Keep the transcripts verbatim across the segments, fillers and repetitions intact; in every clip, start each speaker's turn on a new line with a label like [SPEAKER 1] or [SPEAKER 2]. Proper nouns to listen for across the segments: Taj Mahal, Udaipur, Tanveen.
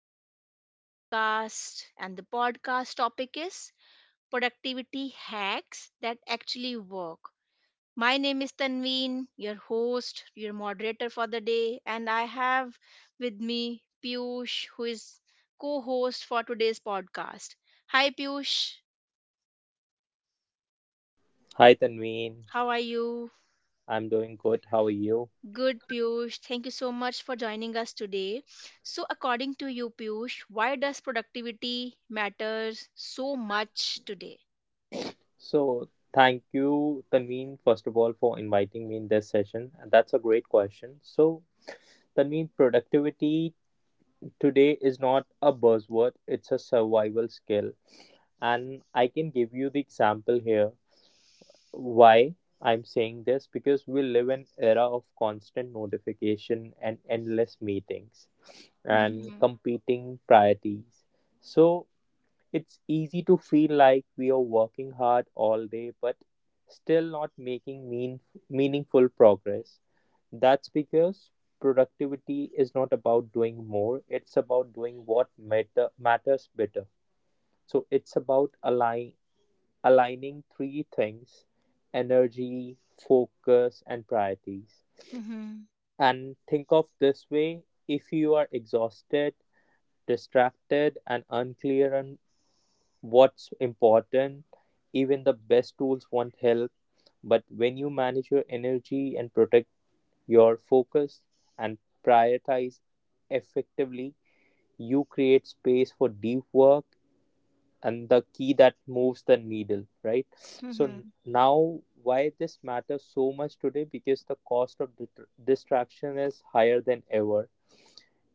[SPEAKER 1] to our today's podcast. And the podcast topic is productivity hacks that actually work. My name is Tanveen, your host, your moderator for the day. And I have with me Piyush, who is co host for today's podcast. Hi, Piyush.
[SPEAKER 2] Hi Tanveen,
[SPEAKER 1] How are you?
[SPEAKER 2] I'm doing good. How are you?
[SPEAKER 1] Good, Piyush. Thank you so much for joining us today. So, according to you, Piyush, why does productivity matters so much today?
[SPEAKER 2] So, thank you, Tanveen, first of all, for inviting me in this session. And that's a great question. So, Tanveen, productivity today is not a buzzword, it's a survival skill. And I can give you the example here why I'm saying this, because we live in era of constant notification and endless meetings and
[SPEAKER 1] Mm-hmm.
[SPEAKER 2] competing priorities. So it's easy to feel like we are working hard all day but still not making mean, meaningful progress. That's because productivity is not about doing more, it's about doing what matter, matters better. So it's about align, aligning three things: energy, focus, and priorities.
[SPEAKER 1] Mm-hmm.
[SPEAKER 2] And think of this way, if you are exhausted, distracted, and unclear on what's important, even the best tools want help. But when you manage your energy and protect your focus and prioritize effectively, you create space for deep work and the key that moves the needle, right? So, n-
[SPEAKER 1] Mm-hmm.
[SPEAKER 2] now why this matters so much today, because the cost of dit- distraction is higher than ever.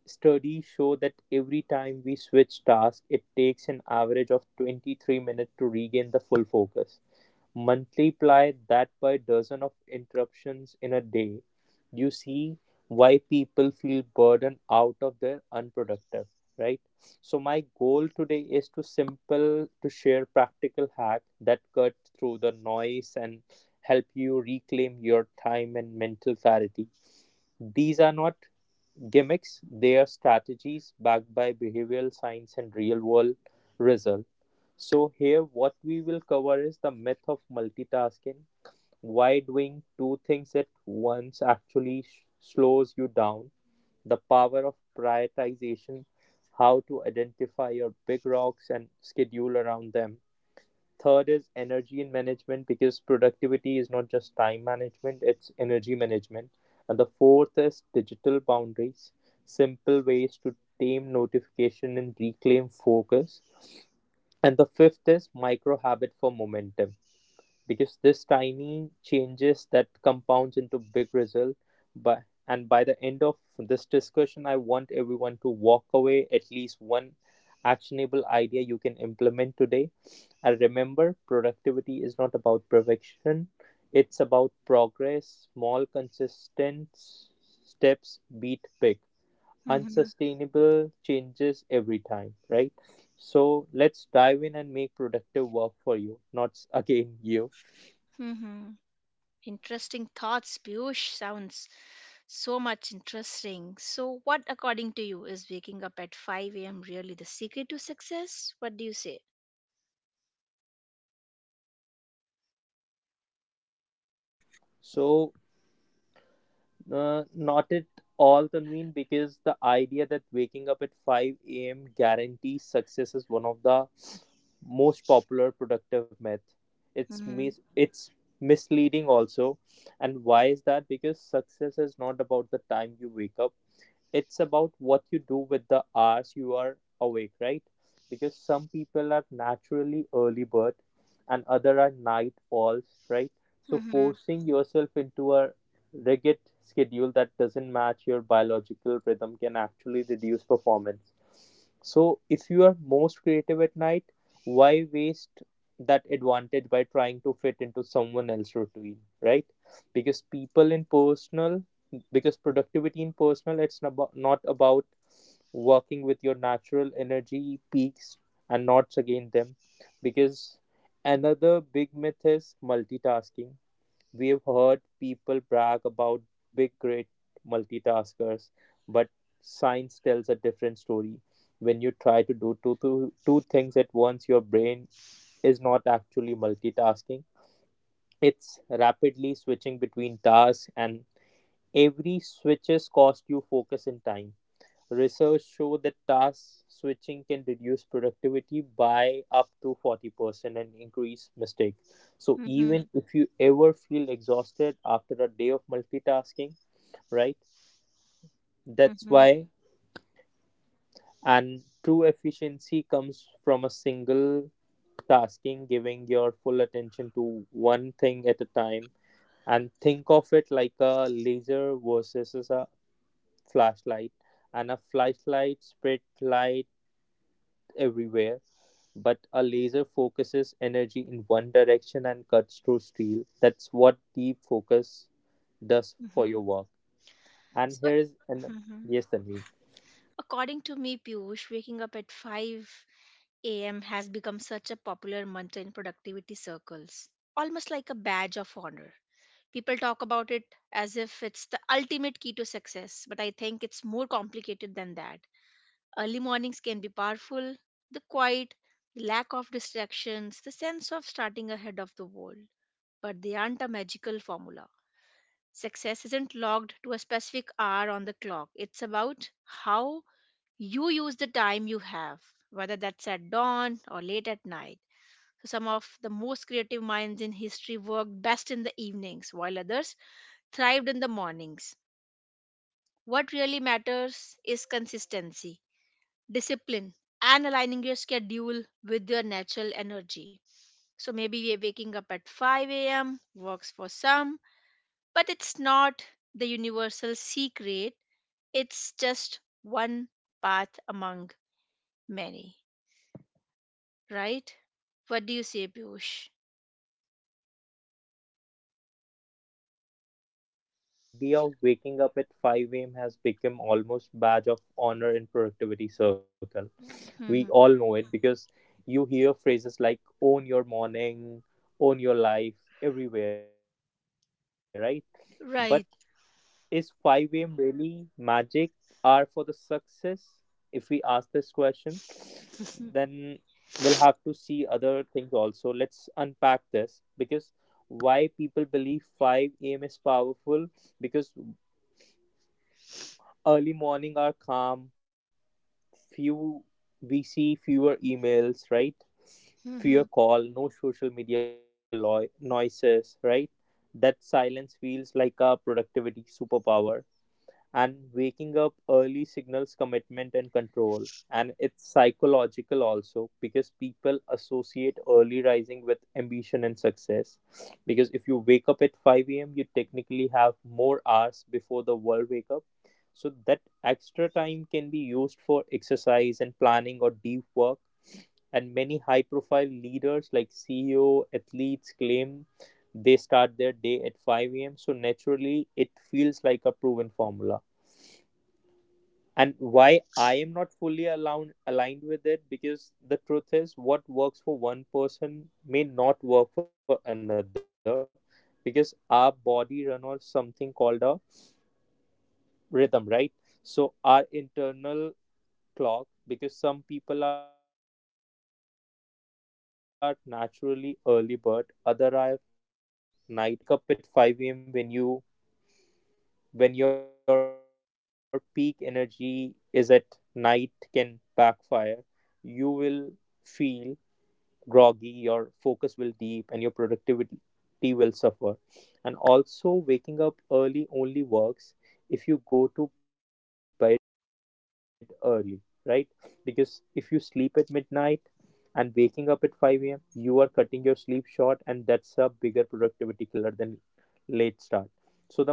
[SPEAKER 2] Studies show that every time we switch tasks, it takes an average of twenty-three minutes to regain the full focus. Multiply that by dozen of interruptions in a day. You see why people feel burdened out of their unproductive, right? So my goal today is to simple, to share practical hack that cut through the noise and help you reclaim your time and mental clarity. These are not gimmicks, they are strategies backed by behavioral science and real world result. So here what we will cover is the myth of multitasking, why doing two things at once actually sh- slows you down; the power of prioritization, how to identify your big rocks and schedule around them; third is energy and management, because productivity is not just time management, it's energy management. And the fourth is digital boundaries, simple ways to tame notification and reclaim focus. And the fifth is micro habit for momentum, because this tiny changes that compounds into big result. But and by the end of this discussion, I want everyone to walk away at least one actionable idea you can implement today. And remember, productivity is not about perfection, it's about progress. Small, consistent steps beat big,
[SPEAKER 1] Mm-hmm.
[SPEAKER 2] unsustainable changes every time, right? So let's dive in and make productive work for you, not s- again you.
[SPEAKER 1] Mm-hmm. Interesting thoughts, Piyush. Sounds so much interesting. So, what, according to you, is waking up at five a m really the secret to success? What do you say?
[SPEAKER 2] So, Uh, not at all, Tanveen, because the idea that waking up at five a m guarantees success is one of the most popular productive myth. It's
[SPEAKER 1] Mm-hmm.
[SPEAKER 2] mis- it's misleading also. And why is that? Because success is not about the time you wake up. It's about what you do with the hours you are awake, right? Because some people are naturally early bird and other are night owls, right? So
[SPEAKER 1] Mm-hmm.
[SPEAKER 2] forcing yourself into a rigid schedule that doesn't match your biological rhythm can actually reduce performance. So, if you are most creative at night, why waste that advantage by trying to fit into someone else's routine, right? Because people in personal, because productivity in personal, it's not abo- not about working with your natural energy peaks and not against them. Because another big myth is multitasking. We've heard people brag about big, great multitaskers, but science tells a different story. When you try to do two, two, two things at once, your brain is not actually multitasking. It's rapidly switching between tasks, and every switches cost you focus and time. Research show that task switching can reduce productivity by up to forty percent and increase mistakes. So
[SPEAKER 1] Mm-hmm.
[SPEAKER 2] even if you ever feel exhausted after a day of multitasking, right? That's
[SPEAKER 1] Mm-hmm.
[SPEAKER 2] why and true efficiency comes from a single tasking, giving your full attention to one thing at a time. And think of it like a laser versus a flashlight. And a flashlight spread light everywhere, but a laser focuses energy in one direction and cuts through steel. That's what deep focus does for
[SPEAKER 1] Mm-hmm.
[SPEAKER 2] your work. And
[SPEAKER 1] So,
[SPEAKER 2] here is an
[SPEAKER 1] mm-hmm.
[SPEAKER 2] Yes, Tanveen.
[SPEAKER 1] According to me, Piyush, waking up at five a m has become such a popular mantra in productivity circles, almost like a badge of honor. People talk about it as if it's the ultimate key to success, but I think it's more complicated than that. Early mornings can be powerful, the quiet, the lack of distractions, the sense of starting ahead of the world, but they aren't a magical formula. Success isn't logged to a specific hour on the clock. It's about how you use the time you have, whether that's at dawn or late at night. So some of the most creative minds in history worked best in the evenings, while others thrived in the mornings. What really matters is consistency, discipline, and aligning your schedule with your natural energy. So maybe we're waking up at five a m works for some, but it's not the universal secret. It's just one path among many, right? What do you say, Piyush?
[SPEAKER 2] So yeah, Tanveen, because this is such an interesting topic, because idea of waking up at five a m has become almost badge of honor in productivity circle. We all
[SPEAKER 1] Mhm.
[SPEAKER 2] know it, because you hear phrases like own your morning, own your life everywhere, right? But is
[SPEAKER 1] Right.
[SPEAKER 2] five a m really magic are for the success? If we ask this question, then
[SPEAKER 1] Mhm.
[SPEAKER 2] we'll have to see other things also. Let's unpack this, because why people believe five a m is powerful, because early morning are calm, few we see fewer emails, right? Fewer
[SPEAKER 1] Mhm.
[SPEAKER 2] call, no social media lo- noises, right? That silence feels like a productivity superpower. And waking up early signals commitment and control, and it's psychological also, because people associate early rising with ambition and success, because if you wake up at five a.m you technically have more hours before the world wake up. So that extra time can be used for exercise and planning or deep work. And many high profile leaders like ceo athletes claim they start their day at five a m. So naturally, it feels like a proven formula. And why I am not fully aligned aligned with it, because the truth is, what works for one person may not work for another, because our body run on something called a rhythm, right? So our internal clock, because some people are naturally early bird, other are night all, as we discussed, right? Forcing yourself to wake up at five a.m when you when your peak energy is at night can backfire. You will feel groggy, your focus will deep, and your productivity will suffer. And also, waking up early only works if you go to bed early, right? Because if you sleep at midnight and waking up at five a m, you are cutting your sleep short, and that's a bigger productivity killer than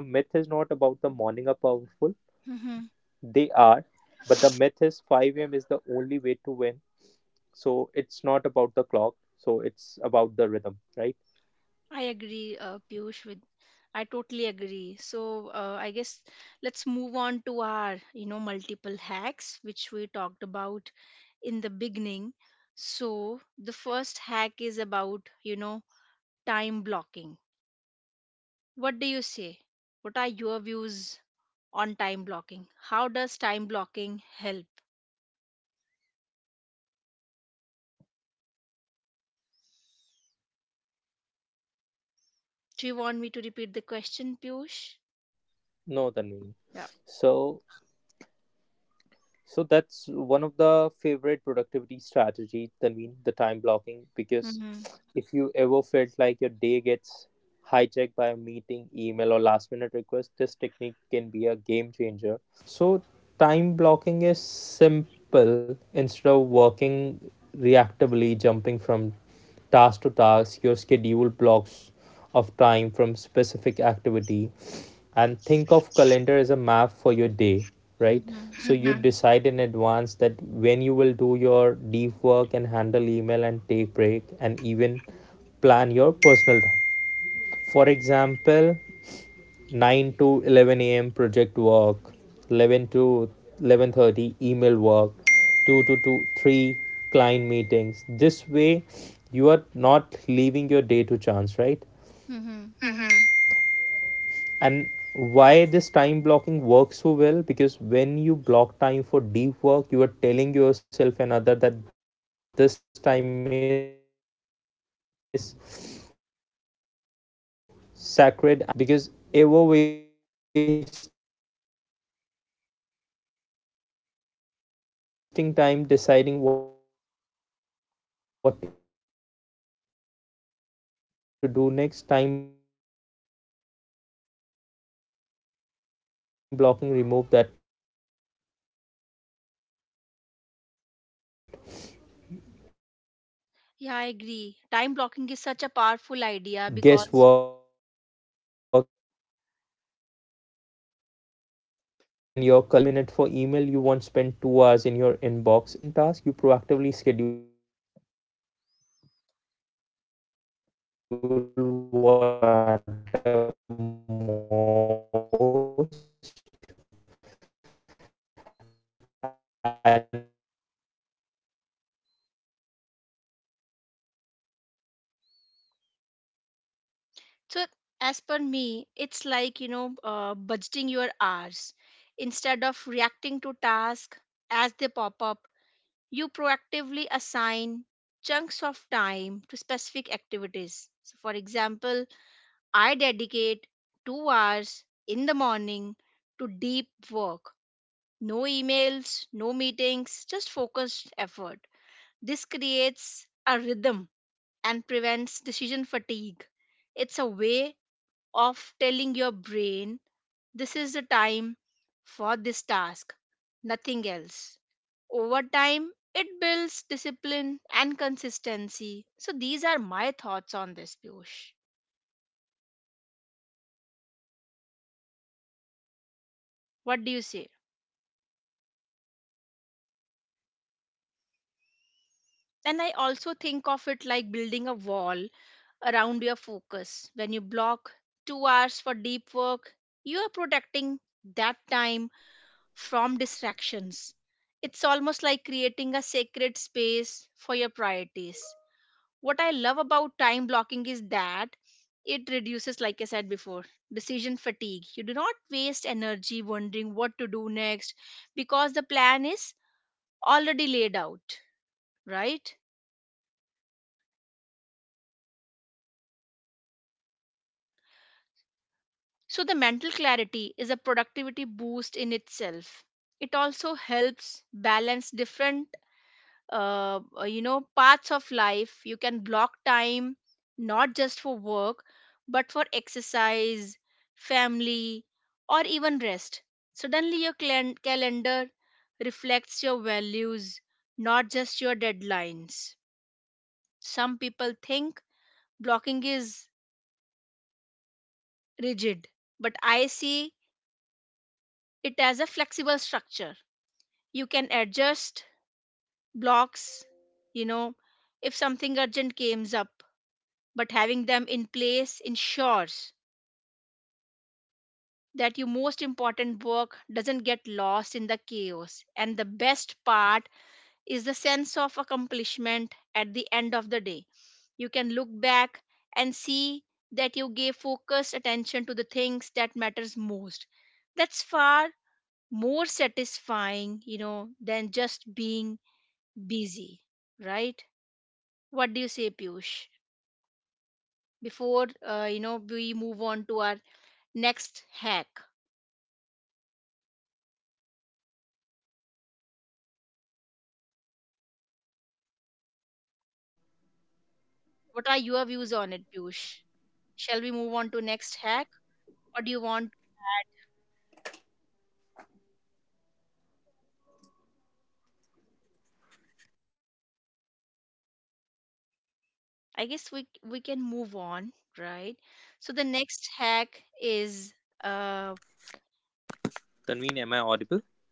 [SPEAKER 2] late start. So, the myth is not about the
[SPEAKER 1] Mhm.
[SPEAKER 2] morning are powerful, they are, but the myth is five a m is the only way to. So it's about the rhythm, right?
[SPEAKER 1] I agree, uh, Piyush. With I totally agree. So uh, I guess let's move on to our you know multiple hacks which we talked about in the beginning. So the first hack is about you know time blocking. What do you say? What are your views on time blocking? How does time blocking help? Do you want me to repeat the question, Piyush?
[SPEAKER 2] No, Tanvi.
[SPEAKER 1] Yeah.
[SPEAKER 2] So, so that's one of the favorite productivity strategy, Tanveen, the time blocking. Because
[SPEAKER 1] Mhm,
[SPEAKER 2] if you ever felt like your day gets hijacked by a meeting, email, or last minute request, this technique can be a game changer. So, time blocking is simple. Instead of working reactively, jumping from task to task, your schedule blocks of time from specific activity. And think of calendar as a map for your day, right?
[SPEAKER 1] mhm,
[SPEAKER 2] So you Mhm. decide in advance that when you will do your deep work and handle email and take break and even plan your personal time. For example, nine to eleven a m project work, eleven to eleven thirty email work, two to 2 3 client meetings. This way you are not leaving your day to chance, right?
[SPEAKER 1] mhm.
[SPEAKER 2] And why this time blocking works so well, because when you block time for deep work, you are telling yourself and other that this time is sacred, and no multitasking and no distraction. Because ever wasting time deciding what to do
[SPEAKER 1] Yeah, I
[SPEAKER 2] next, time
[SPEAKER 1] agree.
[SPEAKER 2] blocking
[SPEAKER 1] Time
[SPEAKER 2] remove
[SPEAKER 1] blocking is
[SPEAKER 2] that
[SPEAKER 1] such a powerful idea because,
[SPEAKER 2] guesswork, and your calendar already tell you what's the next. And if you have thirty minutes for email you won't spend two hours in your inbox. It forces efficiency. So instead of reacting to urgent tasks you proactively schedule what matter most, and your calendar reflect your goal, not the other people demand. Yeah, I agree. Time blocking is such a powerful idea because yes, Tanvi. So time
[SPEAKER 1] so
[SPEAKER 2] blocking is
[SPEAKER 1] as
[SPEAKER 2] not
[SPEAKER 1] per
[SPEAKER 2] about
[SPEAKER 1] me,
[SPEAKER 2] the
[SPEAKER 1] it's like, you
[SPEAKER 2] rigidity,
[SPEAKER 1] know,
[SPEAKER 2] it's
[SPEAKER 1] uh,
[SPEAKER 2] about
[SPEAKER 1] budgeting
[SPEAKER 2] the
[SPEAKER 1] your hours.
[SPEAKER 2] intentional
[SPEAKER 1] Instead of reacting to
[SPEAKER 2] intentionality. When you
[SPEAKER 1] tasks
[SPEAKER 2] control your
[SPEAKER 1] as they
[SPEAKER 2] calendar you
[SPEAKER 1] pop up,
[SPEAKER 2] control your
[SPEAKER 1] you
[SPEAKER 2] day.
[SPEAKER 1] proactively assign
[SPEAKER 2] Start small,
[SPEAKER 1] chunks
[SPEAKER 2] block
[SPEAKER 1] of
[SPEAKER 2] your one
[SPEAKER 1] time
[SPEAKER 2] hour
[SPEAKER 1] to
[SPEAKER 2] tomorrow for
[SPEAKER 1] specific
[SPEAKER 2] focus work,
[SPEAKER 1] activities.
[SPEAKER 2] you
[SPEAKER 1] So,
[SPEAKER 2] will
[SPEAKER 1] for
[SPEAKER 2] amaze the
[SPEAKER 1] example,
[SPEAKER 2] difference, right?
[SPEAKER 1] I dedicate two hours in the morning to deep work. No emails, no meetings, just focused effort. This creates a rhythm and prevents decision fatigue. It's a way of telling your brain this is the time for this task, nothing else. Over time, it builds discipline and consistency. So, these are my thoughts on this, Piyush. What do you say? And I also think of it like building a wall around your focus. When you block two hours for deep work, you are protecting that time from distractions. It's almost like creating a sacred space for your priorities. What I love about time blocking is that it reduces, like I said before, decision fatigue. You do not waste energy wondering what to do next because the plan is already laid out, right? So, the mental clarity is a productivity boost in itself. It also helps balance different uh, uh, you know parts of life. You can block time not just for work, but for exercise, family, or even rest. Suddenly, your clan- calendar reflects your values, not just your deadlines. Some people think blocking is rigid, but I see it as a flexible structure. You can adjust blocks, you know if something urgent comes up, but having them in place ensures that your most important work doesn't get lost in the chaos. And the best part is the sense of accomplishment at the end of the day. You can look back and see that you gave focused attention to the things that matters most. That's far more satisfying, you know, than just being busy, right? What do you say, Piyush? Before uh, you know we move on to our next hack. What are your views on it, Piyush? Shall we move on to next hack, or do you want? I guess we we can move on, right? So the next hack is uh
[SPEAKER 2] Tanveen, am I audible?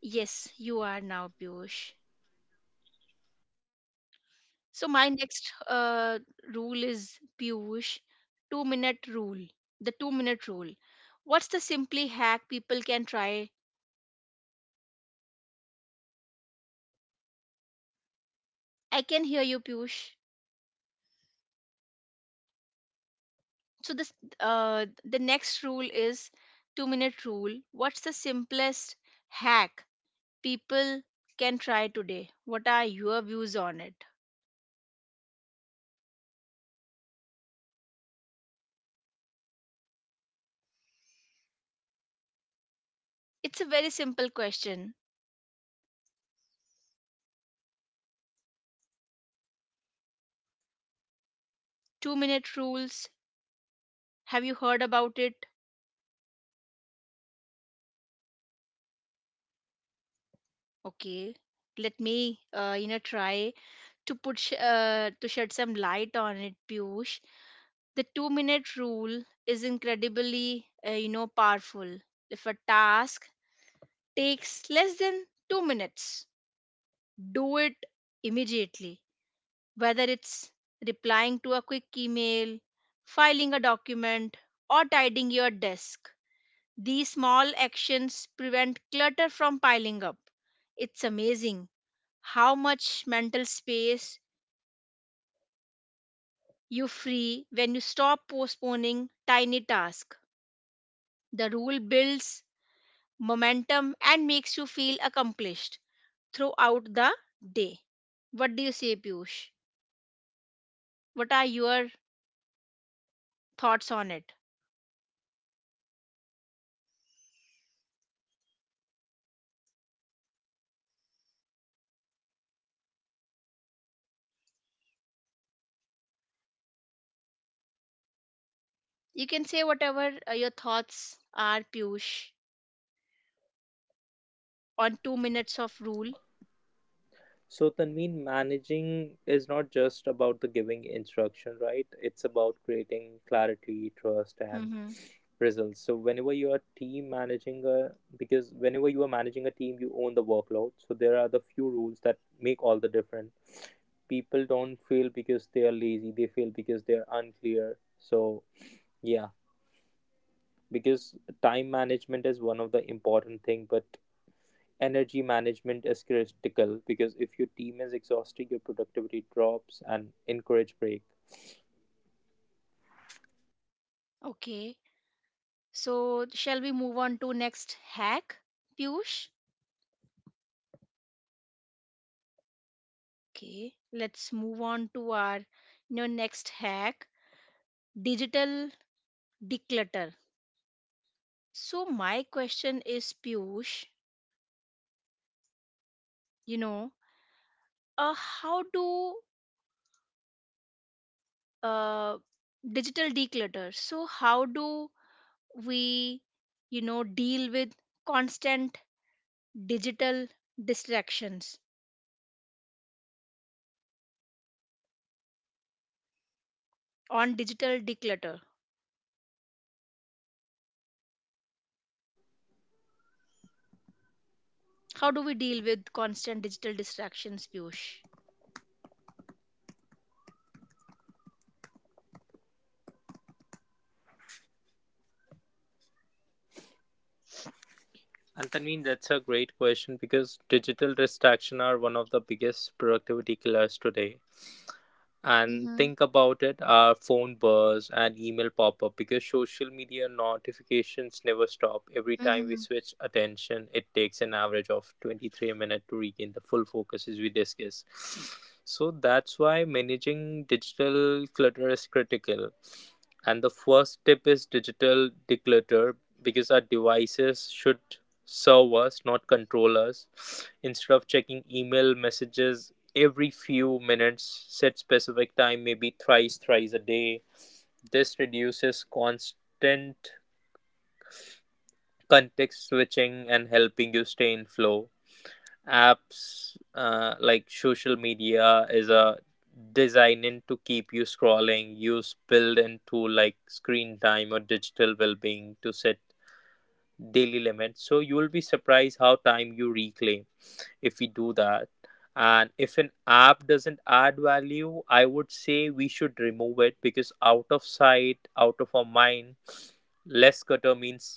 [SPEAKER 1] yes, you are now Piyush. So my next uh rule is Piyush, two minute rule. The two minute rule. What's the simply hack people can try? I can hear you, Piyush. So this uh the next rule is two minute rule. What's the simplest hack people can try today? What are your views on it? It's a very simple question. Two minute rules. Have you heard about it? Okay, let me uh, you know try to put sh- uh, to shed some light on it, Piyush. The two minute rule is incredibly uh, you know powerful. If a task takes less than two minutes, do it immediately whether it's replying to a quick email, filing a document, or tidying your desk. These small actions prevent clutter from piling up. It's amazing how much mental space you free when you stop postponing tiny tasks. The rule builds momentum and makes you feel accomplished throughout the day. What do you say, Piyush? What are your thoughts on it? You can say whatever uh, your thoughts are, Piyush, on two minutes of rule.
[SPEAKER 2] So, Tanveen, managing is not just about the giving instruction, right? It's about creating clarity, trust, and
[SPEAKER 1] Mm-hmm.
[SPEAKER 2] results. So, whenever you are team managing a, you are managing a team, you own the workload. So, there are the few rules that make all the difference. People don't fail because they are lazy; they fail because they are unclear. So, yeah, because time management is one of the important thing, but energy management is critical, because if your team is exhausted, your productivity drops and encourage break.
[SPEAKER 1] Okay. So shall we move on to next hack, Piyush? Okay. Let's move on to our you know, next hack, digital declutter. So my question is, Piyush, you know, uh, how do uh, digital declutter? So how do we, you know, deal with constant digital distractions on digital declutter. How do we deal with constant digital distractions, Piyush?
[SPEAKER 2] And Tanveen, that's a great question, because digital distraction are one of the biggest productivity killers today. And
[SPEAKER 1] Mm-hmm.
[SPEAKER 2] think about it, our phone buzz and email pop up, because social media notifications never stop. Every time we
[SPEAKER 1] Mm-hmm.
[SPEAKER 2] switch attention, it takes an average of twenty-three minutes to regain the full focus, as we discuss. So that's why managing digital clutter is critical. And the first tip is digital declutter, because our devices should serve us, not control us. Instead of checking email messages every few minutes, set specific time, maybe thrice, thrice a day. This reduces constant context switching and helping you stay in flow. Apps uh, like social media is a designed to keep you scrolling. Use build into like screen time or digital well being to set daily limits. So you will be surprised how time you reclaim. If we do that, and if an app doesn't add value, I would say we should remove it because out of sight, out of our mind. Less clutter means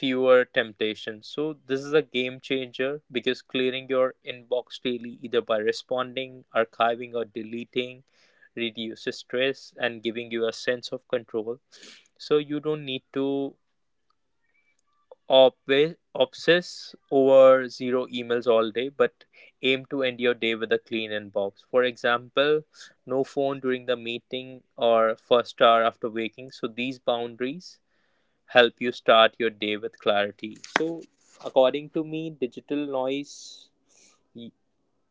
[SPEAKER 2] fewer temptations. So this is a game changer because clearing your inbox daily, either by responding, archiving or deleting, reduces stress and giving you a sense of control. So you don't need to obve- obsess over zero emails all day, but aim to end your day with a clean inbox. For example, no phone during the meeting or first hour after waking. So these boundaries help you start your day with clarity. So, according to me, digital noise y-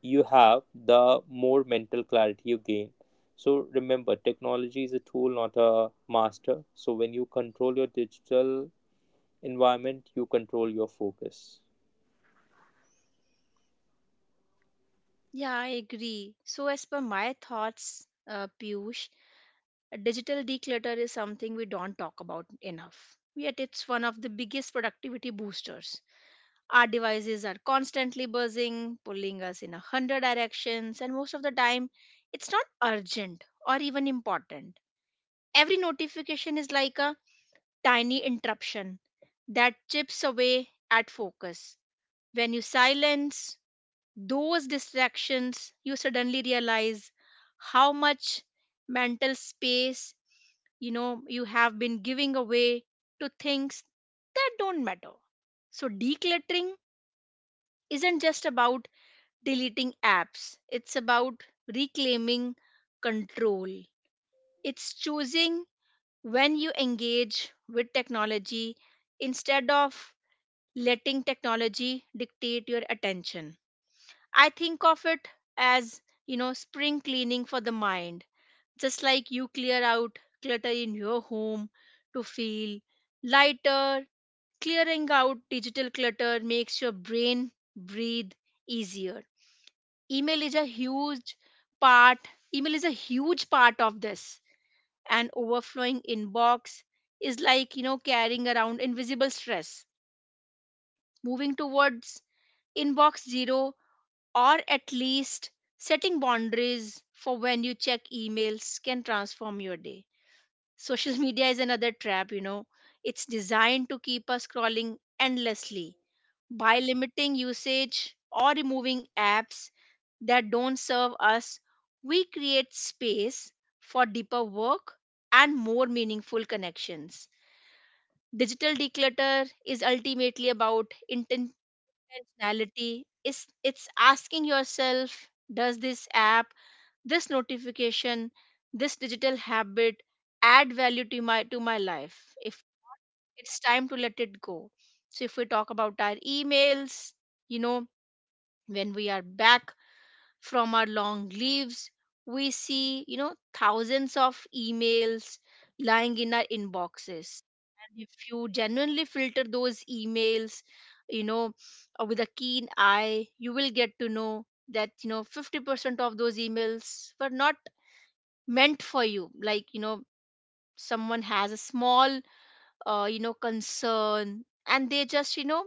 [SPEAKER 2] you have, the more mental clarity you gain. So remember, technology is a tool, not a master. So when you control your digital environment, you control your focus.
[SPEAKER 1] Yeah, I agree. So as per my thoughts, uh, Piyush, digital declutter is something we don't talk about enough, yet it's one of the biggest productivity boosters. Our devices are constantly buzzing, pulling us in a hundred directions, and most of the time it's not urgent or even important. Every notification is like a tiny interruption that chips away at focus. When you silence those distractions, you suddenly realize how much mental space you know you have been giving away to things that don't matter. So, decluttering isn't just about deleting apps, it's about reclaiming control. It's choosing when you engage with technology instead of letting technology dictate your attention. I think of it as, you know, spring cleaning for the mind. Just like you clear out clutter in your home to feel lighter, clearing out digital clutter makes your brain breathe easier. Email is a huge part, email is a huge part of this. An overflowing inbox is like, you know, carrying around invisible stress. Moving towards inbox zero or at least setting boundaries for when you check emails can transform your day. Social media is another trap, you know. It's designed to keep us scrolling endlessly. By limiting usage or removing apps that don't serve us, we create space for deeper work and more meaningful connections. Digital declutter is ultimately about inten- intentionality. Is it's asking yourself, does this app, this notification, this digital habit add value to my to my life? If it's time to let it go. So if we talk about our emails, you know when we are back from our long leaves, we see you know thousands of emails lying in our inboxes. And if you genuinely filter those emails, you know uh, with a keen eye, you will get to know that you know fifty percent of those emails were not meant for you. Like you know someone has a small, uh, you know concern, and they just you know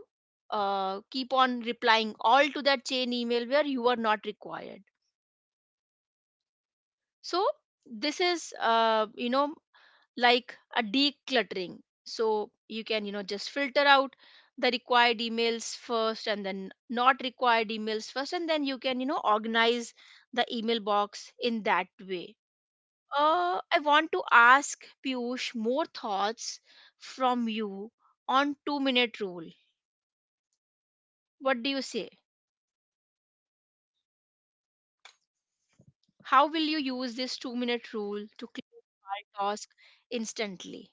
[SPEAKER 1] uh, keep on replying all to that chain email where you are not required. So this is, uh, you know like a decluttering. So you can you know just filter out the required emails first, and then not required emails first, and then you can you know organize the email box in that way. uh, I want to ask Piyush more thoughts from you on two minute rule. What do you say? How will you use this two minute rule to clear your task instantly?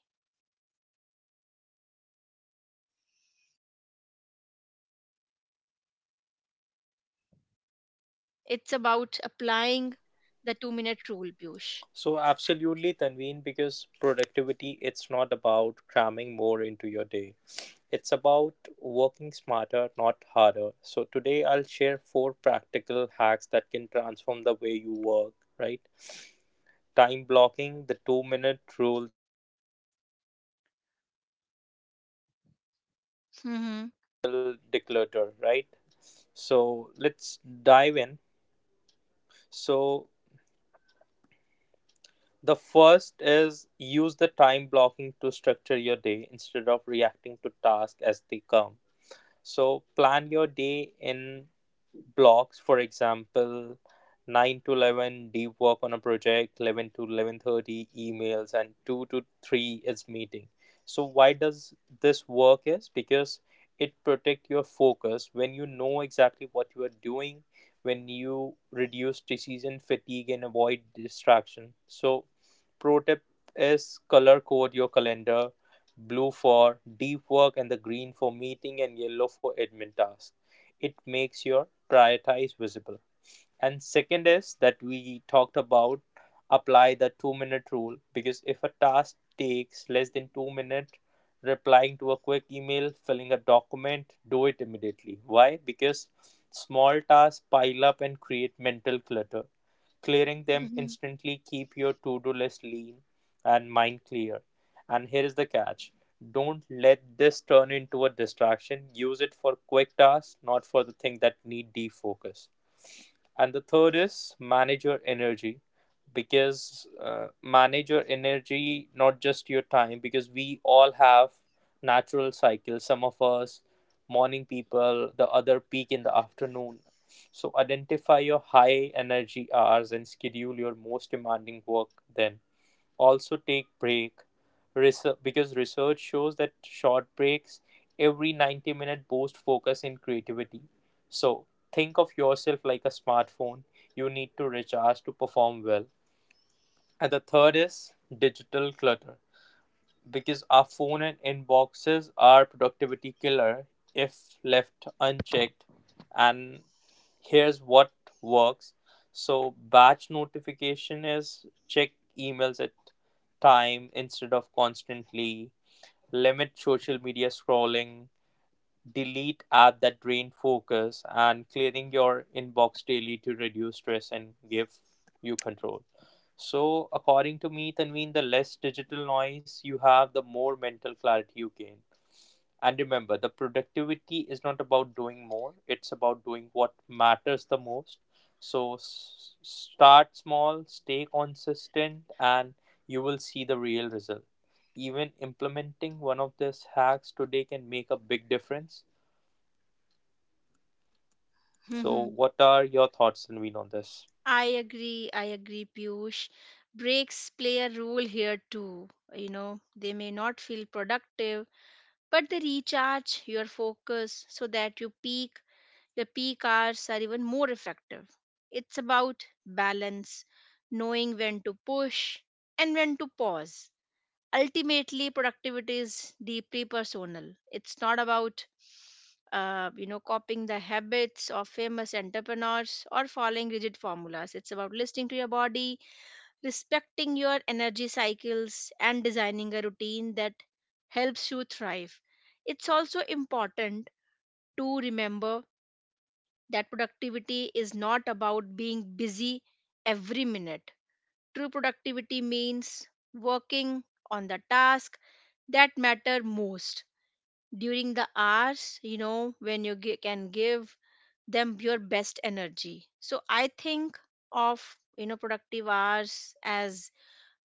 [SPEAKER 1] It's about applying the two minute rule, Piyush.
[SPEAKER 2] So absolutely, Tanveen, because productivity, it's not about cramming more into your day. It's about working smarter, not harder. So today I'll share four practical hacks that can transform the way you work, right? Time blocking, the two minute rule,
[SPEAKER 1] Mm-hmm.
[SPEAKER 2] declutter, right? So let's dive in. So the first is use the time blocking to structure your day instead of reacting to tasks as they come. So plan your day in blocks. For example, nine to eleven deep work on a project, eleven to eleven thirty emails, and two to three is meeting. So why does this work is because it protect your focus when you know exactly what you are doing, when you reduce decision fatigue and avoid distraction. So pro tip is color code your calendar: blue for deep work, and the green for meeting, and yellow for admin tasks. It makes your prioritize visible. And second is that we talked about, apply the two minute rule, because if a task takes less than two minutes, replying to a quick email, filling a document, do it immediately. Why? Because small tasks pile up and create mental clutter. Clearing them
[SPEAKER 1] Mm-hmm.
[SPEAKER 2] instantly keep your to-do list lean and mind clear. And here is the catch, don't let this turn into a distraction. Use it for quick tasks, not for the thing that need defocus. And the third is manage your energy, because uh, manage your energy not just your time, because we all have natural cycles. Some of us morning people, the other peak in the afternoon. So identify your high energy hours and schedule your most demanding work. Then also take break. Research, because research shows that short breaks every ninety minute boost focus and creativity. So think of yourself like a smartphone, you need to recharge to perform well. And the third is digital clutter, because our phone and inboxes are productivity killer if left unchecked. And here's what works. So batch notification is check emails at time instead of constantly. Limit social media scrolling, delete app that drain focus, and clearing your inbox daily to reduce stress and give you control. So according to me, Tanveen, the less digital noise you have, the more mental clarity you gain. And remember, the productivity is not about doing more, it's about doing what matters the most. So s- start small, stay consistent, and you will see the real result. Even implementing one of these hacks today can make a big difference. So,
[SPEAKER 1] Mm-hmm.
[SPEAKER 2] what are your thoughts, Naveen, on this?
[SPEAKER 1] I agree, I agree, Piyush. Breaks play a role here too. You know, they may not feel productive, but they recharge your focus so that your peak, your peak hours are even more effective. It's about balance, knowing when to push and when to pause. Ultimately, productivity is deeply personal. It's not about uh, you know copying the habits of famous entrepreneurs or following rigid formulas. It's about listening to your body, respecting your energy cycles, and designing a routine that helps you thrive. It's also important to remember that productivity is not about being busy every minute. True productivity means working on the task that matter most during the hours, you know, when you gi- can give them your best energy. So I think of, you know, productive hours as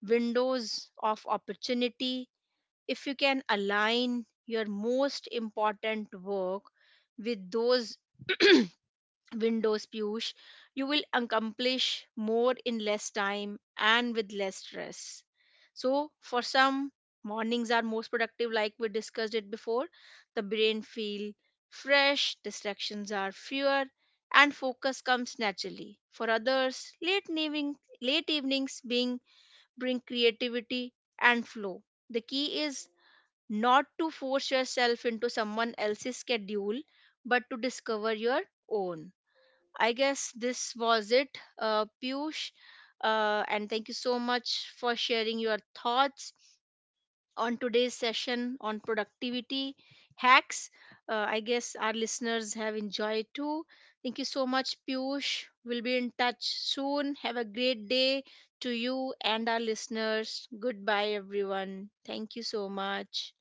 [SPEAKER 1] windows of opportunity. If you can align your most important work with those windows, Piyush, you will accomplish more in less time and with less stress. So, for some, mornings are most productive, like we discussed it before. The brain feel fresh, distractions are fewer, and focus comes naturally. For others, late evening, late evenings being bring creativity and flow. The key is not to force yourself into someone else's schedule, but to discover your own. I guess this was it, uh, Piyush. Uh, and thank you so much for sharing your thoughts on today's session on productivity hacks. Uh, I guess our listeners have enjoyed too. Thank you so much, Piyush. We'll be in touch soon. Have a great day to you and our listeners. Goodbye, everyone. Thank you so much.